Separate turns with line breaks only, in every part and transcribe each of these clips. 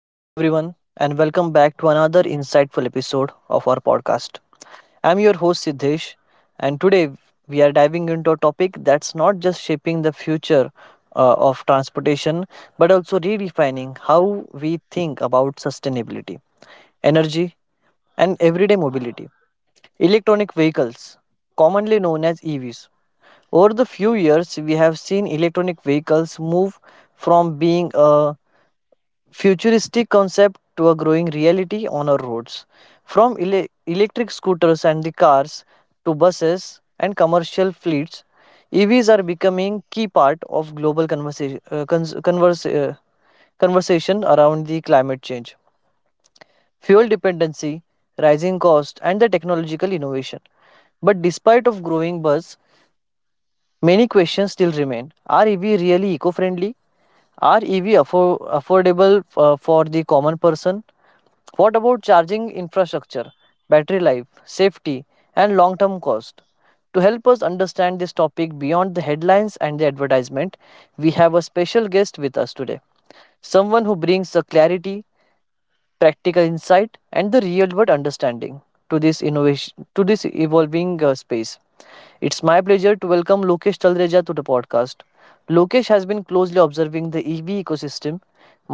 Hello, everyone, and welcome back to another insightful episode of our podcast. I'm your host Siddhesh, and today we are diving into a topic that's not just shaping the future of transportation but also redefining how we think about sustainability, energy, and everyday mobility. Electronic vehicles, commonly known as EVs. Over the few years, we have seen electronic vehicles move from being a futuristic concept to a growing reality on our roads. From electric scooters and the cars to buses and commercial fleets, EVs are becoming key part of global conversation, conversation around the climate change, fuel dependency, rising cost, and the technological innovation. But despite of growing buzz, many questions still remain. Are EV really eco-friendly? Are EV affordable for the common person? What about charging infrastructure, battery life, safety, and long term cost? To help us understand this topic beyond the headlines and the advertisement, we have a special guest with us today. Someone who brings the clarity practical insight, and the real world understanding to this innovation to this evolving space. It's my pleasure to welcome Lokesh Talreja to the podcast. Lokesh has been closely observing the EV ecosystem,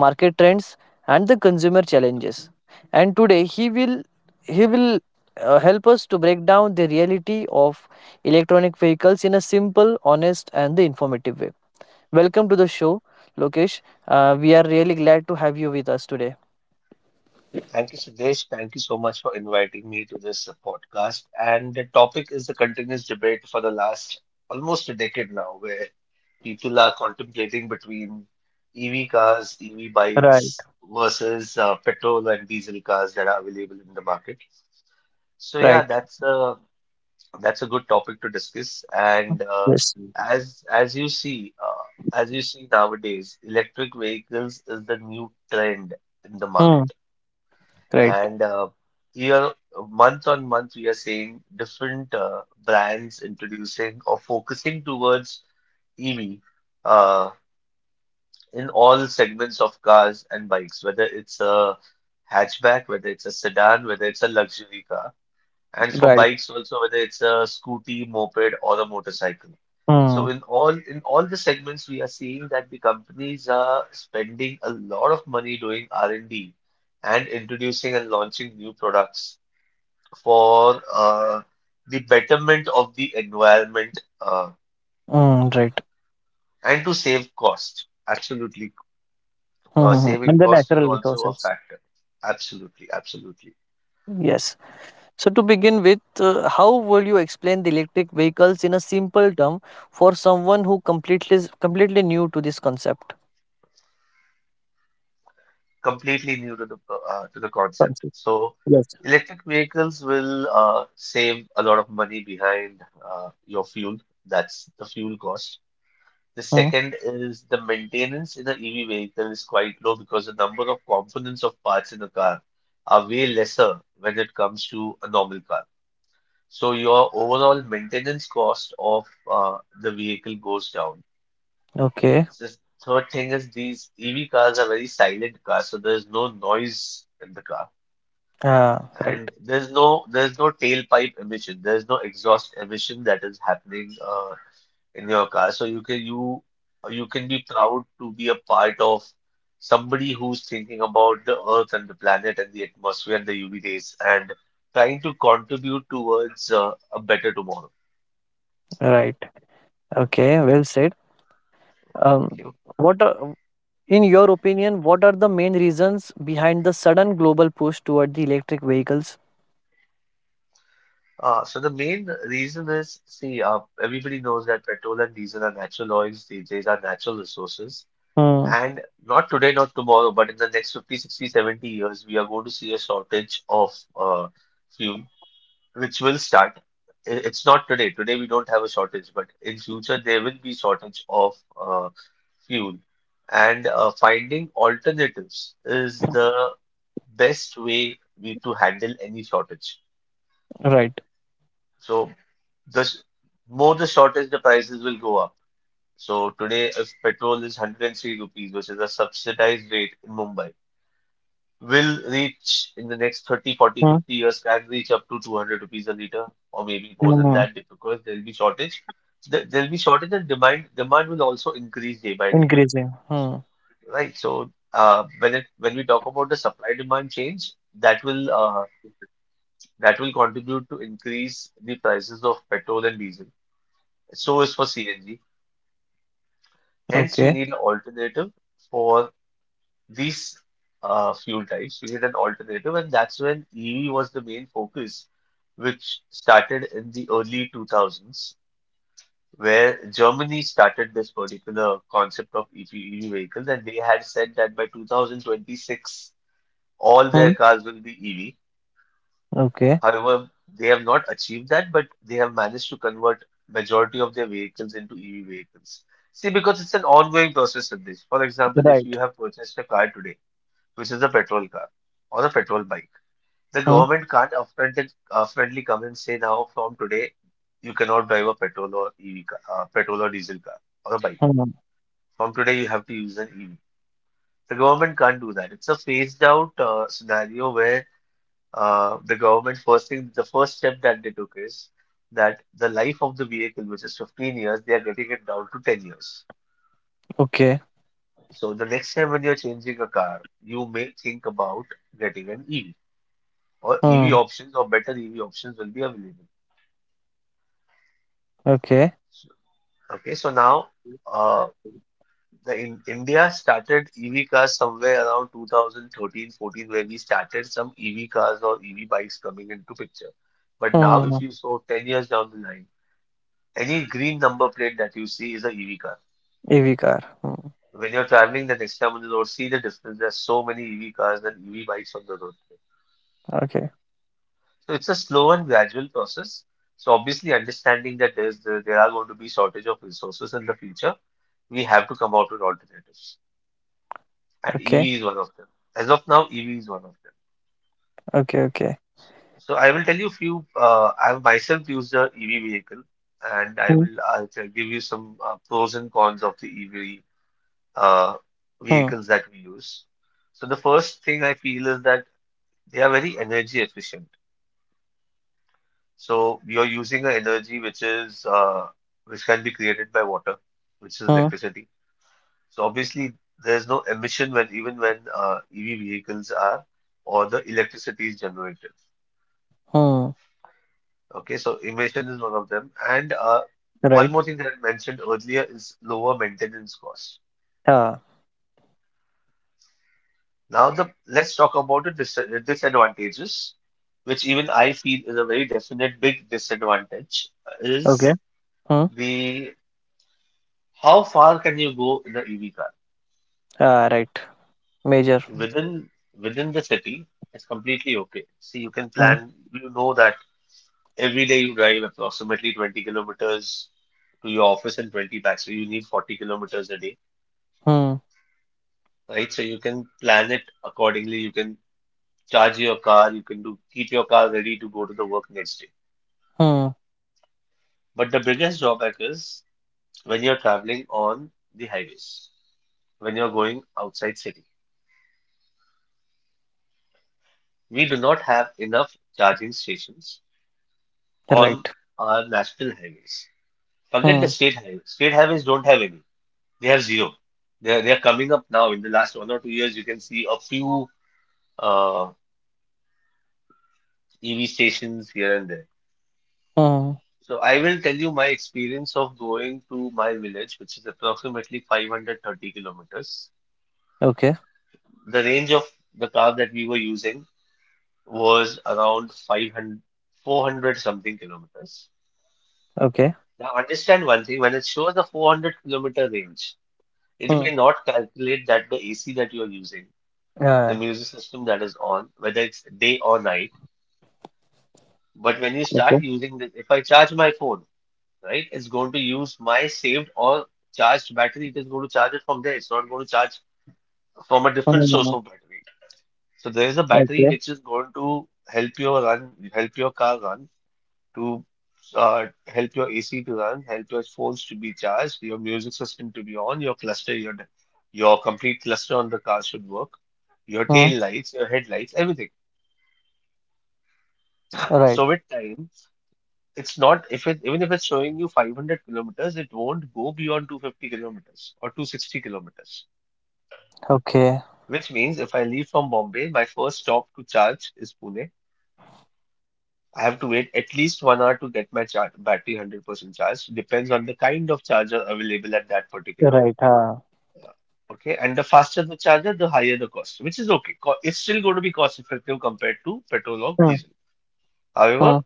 market trends, and the consumer challenges. And today he will help us to break down the reality of electronic vehicles in a simple, honest, and the informative way. Welcome to the show, Lokesh. We are really glad to have you with us today.
Thank you, Siddesh. Thank you so much for inviting me to this podcast. And the topic is the continuous debate for the last almost a decade now, where people are contemplating between EV cars, EV bikes versus petrol and diesel cars that are available in the market. So yeah,
Right.
that's a good topic to discuss. And uh,
Yes.
as as you see, uh, as you see nowadays, electric vehicles is the new trend in the
Hmm.
market.
Right.
And here, month on month, we are seeing different brands introducing or focusing towards EV uh, in all segments of cars and bikes, whether it's a hatchback, whether it's a sedan, whether it's a luxury car, and for
Right.
bikes also, whether it's a scooty, moped, or a motorcycle. So
Hmm.
in all the segments, we are seeing that the companies are spending a lot of money doing R&D and D and introducing and launching new products for the betterment of the environment
Hmm. Right.
and to save cost. Absolutely.
Hmm. Hmm, hmm.
Saving
And the
cost is
natural
also a
resources.
factor. Absolutely. Absolutely.
Yes. So to begin with, how will you explain the electric vehicles in a simple term for someone who completely new to this concept?
Completely new to the to the concept.
Concept.
So,
Yes.
electric vehicles will save a lot of money behind your fuel. That's the fuel cost. The
Hmm.
second is the maintenance in an EV vehicle is quite low because the number of components of parts in a car are way lesser when it comes to a normal car. So your overall maintenance cost of the vehicle goes down.
Okay.
The third thing is these EV cars are very silent cars, so there's no noise in the car.
Ah. Right.
And there's no tailpipe emission. There's no exhaust emission that is happening in your car. So you can be proud to be a part of somebody who's thinking about the earth and the planet and the atmosphere and the UV rays and trying to contribute towards a better tomorrow.
Right. Okay. Well said. Um.
Okay.
What are, in your opinion, what are the main reasons behind the sudden global push toward the electric vehicles?
So the main reason is, see, everybody knows that petrol and diesel are natural oils. These days are natural resources.
Hmm.
And not today, not tomorrow, but in the next 50, 60, 70 years, we are going to see a shortage of uh, fuel which will start. It's not today. Today we don't have a shortage, but in future there will be shortage of uh, fuel. And finding alternatives is the best way we to handle any shortage.
Right.
So the s- more the shortage, the prices will go up. So today, if petrol is 103 rupees, which is a subsidized rate in Mumbai, will reach in the next 30, 40,
Hmm.
50 years, can reach up to 200 rupees a liter or maybe more than
Hmm.
that because there'll be shortage. So, there'll be shortage, and demand will also increase day by day.
Increasing. Hmm.
Right. So when we talk about the supply demand change, that will contribute to increase the prices of petrol and diesel. So is for CNG. Hence, we
Okay.
need an alternative for these fuel types, you need an alternative, and that's when EV was the main focus, which started in the early 2000s, where Germany started this particular concept of EV vehicles, and they had said that by 2026, all their
Hmm.
cars will be EV.
Okay.
However, they have not achieved that, but they have managed to convert majority of their vehicles into EV vehicles. See, because it's an ongoing process of this. For example, if
Right.
you have purchased a car today, which is a petrol car or a petrol bike. The
Hmm.
government can't upfrontly come and say now from today you cannot drive a petrol or EV car, petrol or diesel car or a bike.
Hmm.
From today you have to use an EV. The government can't do that. It's a phased out scenario where the government first thing, the first step that they took is that the life of the vehicle, which is 15 years, they are getting it down to 10 years.
Okay.
So the next time when you're changing a car, you may think about getting an EV, or
Hmm.
EV options or better EV options will be available.
Okay.
So- Okay, so now uh, the in India started EV cars somewhere around 2013, 14, where we started some EV cars or EV bikes coming into picture. But
Hmm. Hmm,
now, if you
hmm.
saw 10 years down the line, any green number plate that you see is a EV car.
EV car. Hmm.
When you're traveling the next time on the road, see the difference. There's so many EV cars and EV bikes on the road today.
Okay.
So it's a slow and gradual process. So obviously, understanding that there are going to be shortage of resources in the future, we have to come out with alternatives, and
Okay.
EV is one of them. As of now, EV is one of them.
Okay. Okay.
So, I will tell you few. I've myself used a EV vehicle, and
Hmm.
give you some pros and cons of the EV uh,
Hmm.
vehicles that we use. So the first thing I feel is that they are very energy efficient. So you're using an energy which is which can be created by water, which is
Hmm.
electricity. So obviously, there's no emission when even when EV vehicles are or the electricity is generated.
Hmm.
Okay, so emission is one of them. And one
Right.
more thing that I mentioned earlier is lower maintenance costs.
Ah.
Now the let's talk about the disadvantages, which even I feel is a very definite big disadvantage,
Okay.
is
Hmm.
the how far can you go in the EV car?
Ah. Right. Major.
Within within the city, it's completely okay. See, you can
Hmm.
plan, you know that every day you drive approximately 20 kilometers to your office and 20 back. So you need 40 kilometers a day,
Hmm.
right? So you can plan it accordingly. You can charge your car. You can do keep your car ready to go to the work next day.
Hmm.
But the biggest drawback is when you're traveling on the highways, when you're going outside city. We do not have enough charging stations on
Right.
our national highways. Forget the
Hmm.
state highways. State highways don't have any. They have zero. They're coming up now. In the last 1 or 2 years, you can see a few uh, EV stations here and there.
Hmm.
So I will tell you my experience of going to my village, which is approximately 530 kilometers.
Okay.
The range of the car that we were using was around 500, 400 something kilometers.
Okay.
Now understand one thing, when it shows the 400-kilometer range, it
Hmm.
may not calculate that the AC that you are using, the
Ah.
music system that is on, whether it's day or night. But when you start
Okay.
using this, if I charge my phone, right, it's going to use my saved or charged battery. It is going to charge it from there. It's not going to charge from a different source
Hmm.
of battery. So there is a battery
Okay.
which is going to help your car run, to help your AC to run, help your phones to be charged, your music system to be on, your cluster, your complete cluster on the car should work, your
Hmm.
tail lights, your headlights, everything.
Right.
So with time, it's not if it even if it's showing you 500 kilometers, it won't go beyond 250 kilometers or 260 kilometers.
Okay.
Which means if I leave from Bombay, my first stop to charge is Pune. I have to wait at least 1 hour to get my char battery 100% charged. Depends on the kind of charger available at that particular.
Right. Ah.
Okay, and the faster the charger, the higher the cost, which is okay. It's still going to be cost effective compared to petrol or
Hmm.
diesel.
Hmm.
However,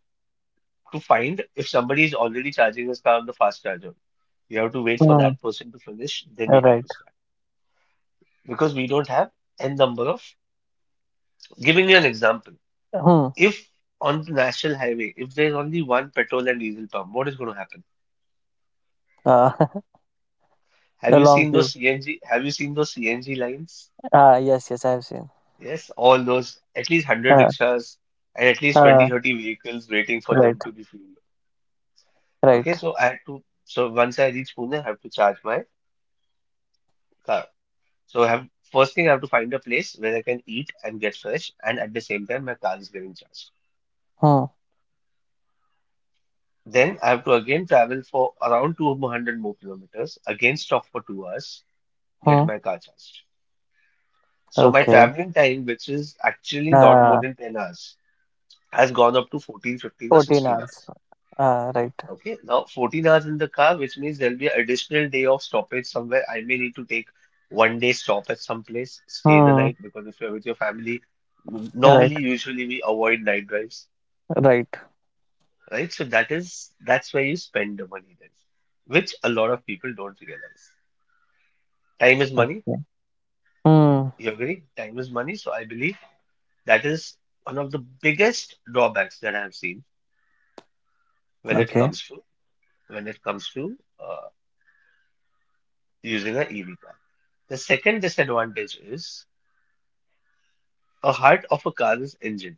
to find if somebody is already charging his car on the fast charger. You have to wait for
Hmm.
that person to finish, then you have
Right.
to start. Because we don't have n number of. Giving you an example,
Hmm.
if on the national highway, if there's only one petrol and diesel pump, what is going to happen?
Uh,
Have
a
you
long
seen
queue.
those CNG? Have you seen those CNG lines?
Ah, yes, yes, I've seen.
Yes, all those, at least 100
Uh,
rickshaws and at least
uh,
20, 30 vehicles waiting for
right,
them to be fueled. Okay,
right.
so I had to, so once I reach Pune, I have to charge my car. So I have first thing I have to find a place where I can eat and get fresh, and at the same time my car is getting charged.
Hmm.
Then I have to again travel for around 200 more kilometers, again stop for 2 hours, get
Hmm.
my car charged. So my
Okay.
traveling time, which is actually not more
Uh,
than 10 hours, has gone up to 14, 15 or
14
16
hours.
hours.
Right.
Okay, now 14 hours in the car, which means there'll be an additional day of stoppage somewhere. I may need to take one day stop at some place, stay the
Hmm.
night, because if you're with your family,
Right,
normally, usually we avoid night drives,
right.
right? So that's where you spend the money then, which a lot of people don't realize. Time is money.
Okay. Hmm.
You agree? Time is money. So I believe that is one of the biggest drawbacks that I've seen when it
Okay.
comes to using an EV car. The second disadvantage is, a heart of a car is engine.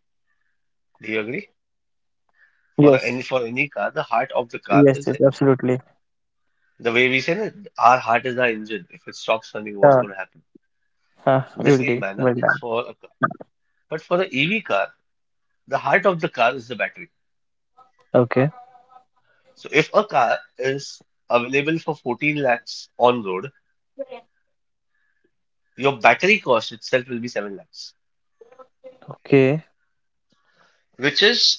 Do you agree? For
Yes.
any for any car, the heart of the car
Yes,
is
yes,
engine.
absolutely.
The way we say that our heart is our engine. If it stops running, what's
Uh,
going to happen? In the
will
same
do.
manner,
Well
it's
done.
for a car. But for the EV car, the heart of the car is the battery.
Okay.
So if a car is available for 14 lakhs on road, your battery cost itself will be 7 lakhs,
Okay.
which is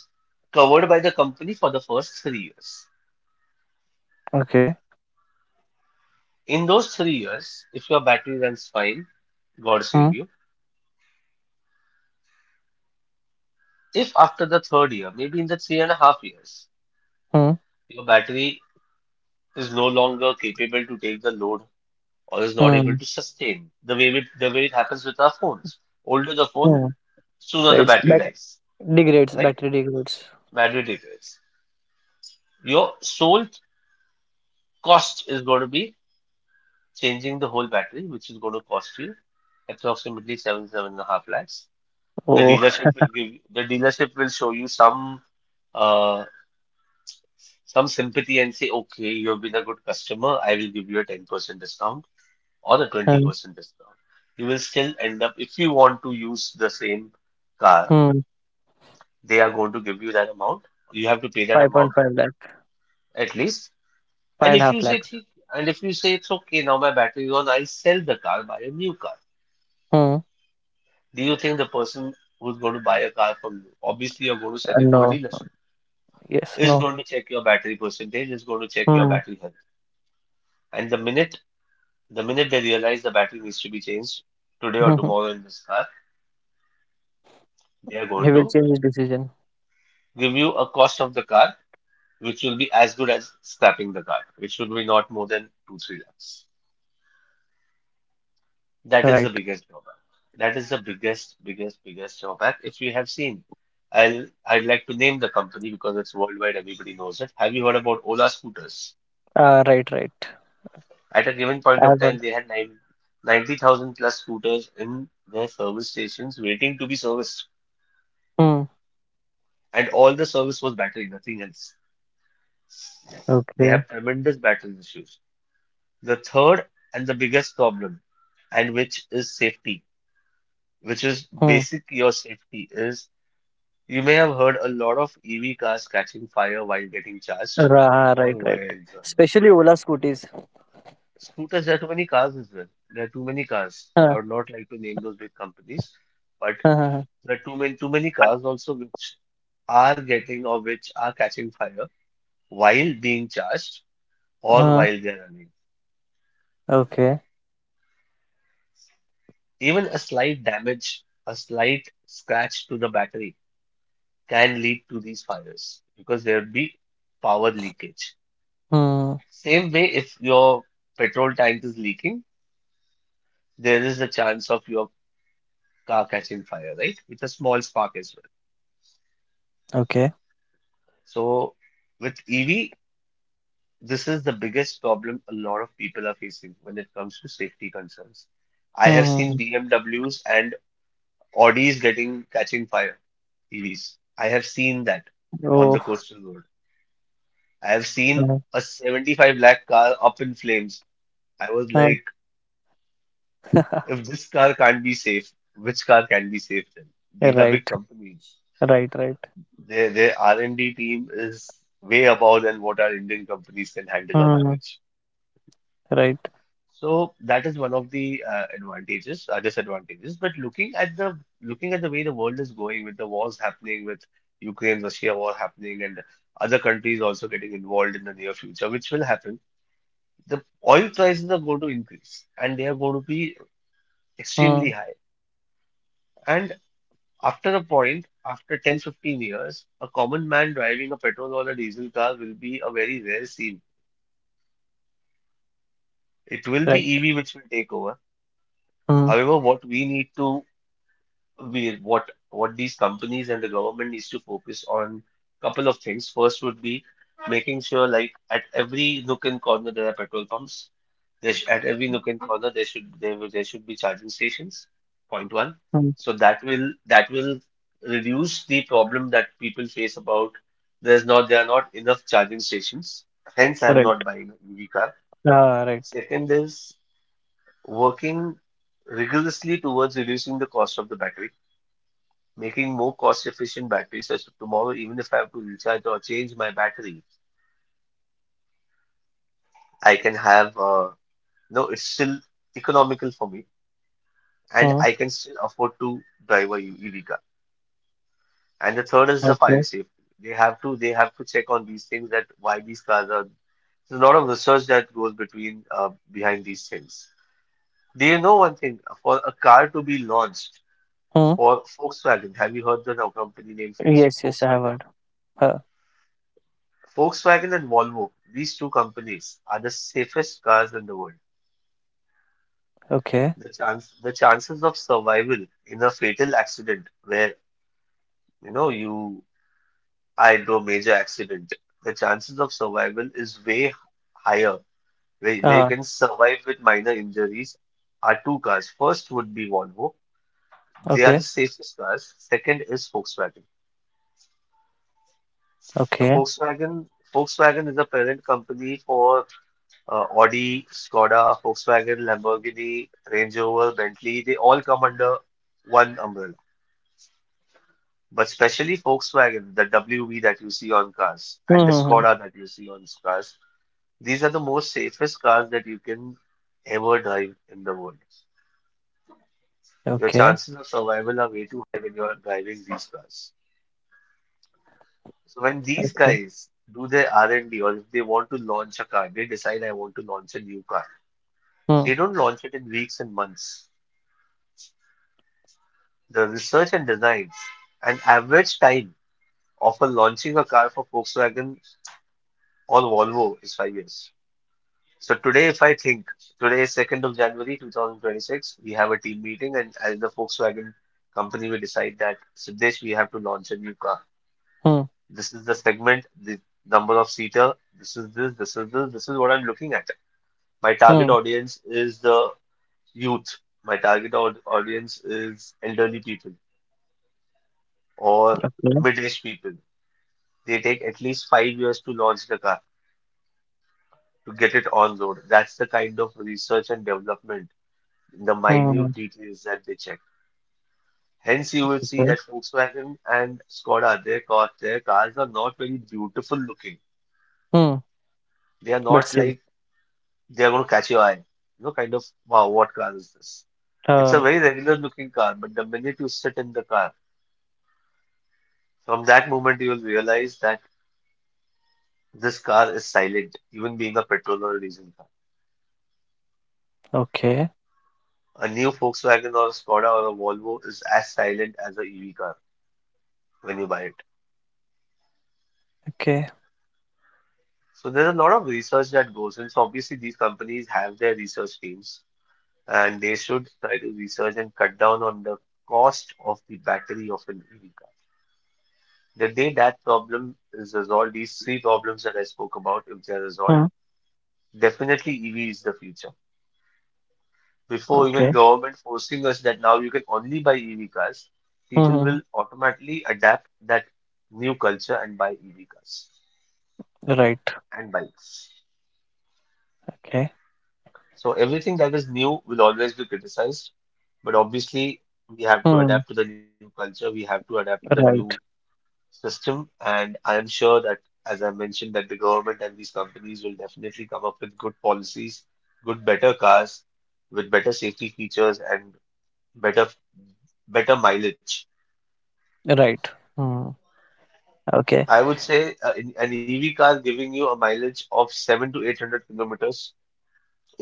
covered by the company for the first 3 years.
Okay.
In those 3 years, if your battery runs fine, God
Hmm.
save you. If after the third year, maybe in the 3.5 years,
Hmm.
your battery is no longer capable to take the load or is not able
Hmm.
to sustain the way it happens with our phones. Older the phone,
Hmm.
sooner the
Right.
battery
Bat-
dies,
Degrades.
right?
Battery degrades.
Battery degrades. Your sole cost is going to be changing the whole battery, which is going to cost you approximately 7, 7.5 lakhs. The
Oh.
dealership will give the dealership will show you uh, some sympathy and say, okay, you've been a good customer, I will give you a 10% discount or a
Hmm.
20% discount. You will still end up, if you want to use the same car,
Hmm.
they are going to give you that amount. You have to pay that amount
5.5 lakh.
at least.
Five
And
and a
if you
half
say,
lakh.
"Thi- and if you say it's okay, now my battery is on, I'll sell the car, buy a new car.
Hmm.
Do you think the person who's going to buy a car from you, obviously you're going to sell it to a
No.
dealership,
Yes,
is
no.
going to check your battery percentage, is going to check your
Hmm.
battery health. And the minute they realize the battery needs to be changed today or tomorrow in this car, they are
He
going
will
to
change his decision.
give you a cost of the car, which will be as good as scrapping the car, which will be not more than 2, 3 lakhs. That is the
Right.
biggest drawback. That is the biggest, biggest, biggest drawback. If you have seen, I'd like to name the company because it's worldwide, everybody knows it. Have you heard about Ola scooters?
Ah, right, right.
At a given point
I
of
have
time,
heard.
they had ninety thousand plus scooters in their service stations waiting to be serviced.
Hmm.
And all the service was battery, nothing else. They have
Okay.
tremendous battery issues. The third and the biggest problem, and which is safety, which is
Hmm.
basic your safety, is you may have heard a lot of EV cars catching fire while getting charged.
Right,
All via
right.
examine.
Especially Ola scooters.
Scooters, there are too many cars as well. There are too many cars. I would
Huh.
not like to name those big companies, but
Huh. Huh.
there are too many cars
Huh.
also which are getting or which are catching fire while being charged or while they
Huh.
are running.
Okay.
Even a slight damage, a slight scratch to the battery can lead to these fires because there would be power leakage.
Hmm.
Same way, if your petrol tank is leaking, there is a chance of your car catching fire, right? With a small spark as well.
Okay.
So, with EV, this is the biggest problem a lot of people are facing when it comes to safety concerns. I have
Hmm.
seen
Hmm,
BMWs and Audis getting catching fire, EVs. I have seen that
hmm.
on the
Oh.
coastal road. I have seen
Huh.
a 75 lakh car up in flames. I was
Huh.
like, if this car can't be safe, which car can be safe then? These are big
right.
companies.
Right. Right.
Their R&D team is way above than what our Indian companies can handle or
Hmm.
manage.
Right.
So that is one of the advantages, disadvantages. But looking at the way the world is going, with the wars happening, with Ukraine Russia war happening, and other countries also getting involved in the near future, which will happen, the oil prices are going to increase, and they are going to be extremely
Hmm.
high. And after a point, after 10, 15 years, a common man driving a petrol or a diesel car will be a very rare scene. It will be
Right.
EV which will take over.
Hmm.
However, what these companies and the government needs to focus on couple of things. First would be making sure like at every nook and corner there are petrol pumps. There sh at every nook and corner there should be charging stations. Point one.
Hmm.
So that will reduce the problem that people face about there are not enough charging stations. Hence, I'm
Right.
not buying an EV car.
Ah. Right.
Second is working rigorously towards reducing the cost of the battery making more cost-efficient batteries so tomorrow, even if I have to recharge or change my battery, I can have, no, it's still economical for me and
Hmm.
I can still afford to drive a EV car. And the third is the fire
Okay.
safety. They have to check on these things that why these cars are, there's a lot of research that goes between, behind these things. Do you know one thing? For a car to be launched
Hmm.
for Volkswagen, have you heard the company name Volks-
Yes. Yes. I have
Volkswagen?
heard. Huh.
Volkswagen and Volvo, these two companies are the safest cars in the world.
Okay.
The chances of survival in a fatal accident where, you know, you I do a major accident, the chances of survival is way higher, where you
Ah.
can survive with minor injuries are two cars. First would be Volvo. They are the
Okay.
safest cars. Second is Volkswagen. So
Okay.
Volkswagen is a parent company for Audi, Skoda, Volkswagen, Lamborghini, Range Rover, Bentley, they all come under one umbrella. But especially Volkswagen, the WV that you see on cars
Hmm,
and the
hmm, hmm.
Skoda that you see on cars, these are the most safest cars that you can ever drive in the world. Your
Okay.
chances of survival are way too high when you are driving these cars. So when these
Okay.
guys do their R&D or if they want to launch a car, they decide I want to launch a new car.
Hmm,
They don't launch it in weeks and months. The research and design, an average time of a launching a car for Volkswagen or Volvo is 5 years. So today, if I think today is 2nd of January 2026, we have a team meeting, and as the Volkswagen company, we decide that Siddesh, we have to launch a new car.
hmm,
This is the segment, the number of seater. This is this, this is this, this is what I'm looking at. My target
hmm.
audience is the youth. My target audience is elderly people or
Okay.
mid-aged people. They take at least 5 years to launch the car, to get it on road. That's the kind of research and development, in the
Hmm,
minute details that they check. Hence, you will see
okay.
that Volkswagen and Skoda, their cars are not very beautiful looking.
Hmm.
They are
But
not
still,
like they are going to catch your eye. You know, kind of, wow, what car is this? It's a
uh,
very regular looking car, but the minute you sit in the car, from that moment you will realize that this car is silent, even being a petrol or a diesel.
okay.
A new Volkswagen or a Skoda or a Volvo is as silent as an EV car when you buy it.
Okay.
So there's a lot of research that goes in. So obviously these companies have their research teams and they should try to research and cut down on the cost of the battery of an EV car. The day that problem is resolved, these three problems that I spoke about, if they're resolved,
Hmm.
definitely EV is the future. Before even
Okay.
government forcing us that now you can only buy EV cars,
Hmm.
people
Hmm, hmm.
will automatically adapt that new culture and buy EV cars
Right.
and bikes.
Okay.
So everything that is new will always be criticized, but obviously we have to
Hmm.
adapt to the new culture, we have to adapt to the new
Right.
system, and I am sure that as I mentioned that the government and these companies will definitely come up with good policies, good better cars with better safety features and better better mileage.
Right. Hmm. Okay.
I would say an EV car giving you a mileage of seven to eight hundred kilometers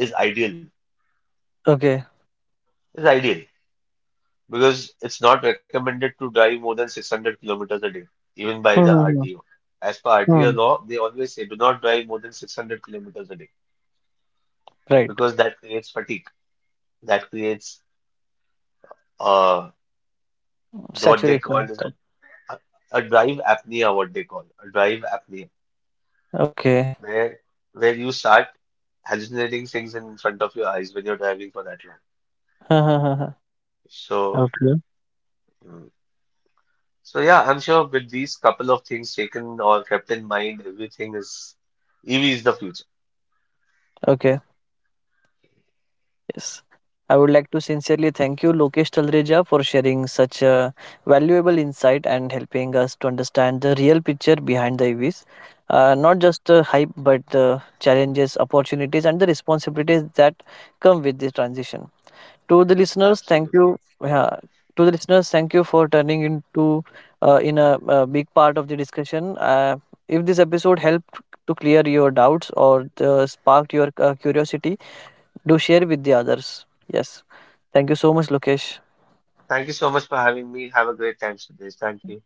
is ideal.
Okay.
Is ideal because it's not recommended to drive more than 600 kilometers a day, even by the
Hmm. Hmm,
RTO. As per
hmm,
RTO
hmm.
law, they always say do not drive more than 600 kilometers a day
Right.
because that creates fatigue. That creates uh what they call
Saturation.
is a a drive apnea. What they call a drive apnea,
Okay.
where where you start hallucinating things in front of your eyes when you're driving for that long. So.
Okay.
Mm. So yeah, I'm sure with these couple of things taken or kept in mind, everything is EV is the future.
Okay. Yes. I would like to sincerely thank you, Lokesh Talreja, for sharing such a valuable insight and helping us to understand the real picture behind the EVs. Not just the hype, but the challenges, opportunities, and the responsibilities that come with this transition. To the listeners, thank
Absolutely.
you. Yeah, to the listeners, thank you for turning into in a big part of the discussion. If this episode helped to clear your doubts or sparked your curiosity, do share with the others yes thank you so much lokesh
Thank you so much for having me. Have a great time, Sudesh. Thank you.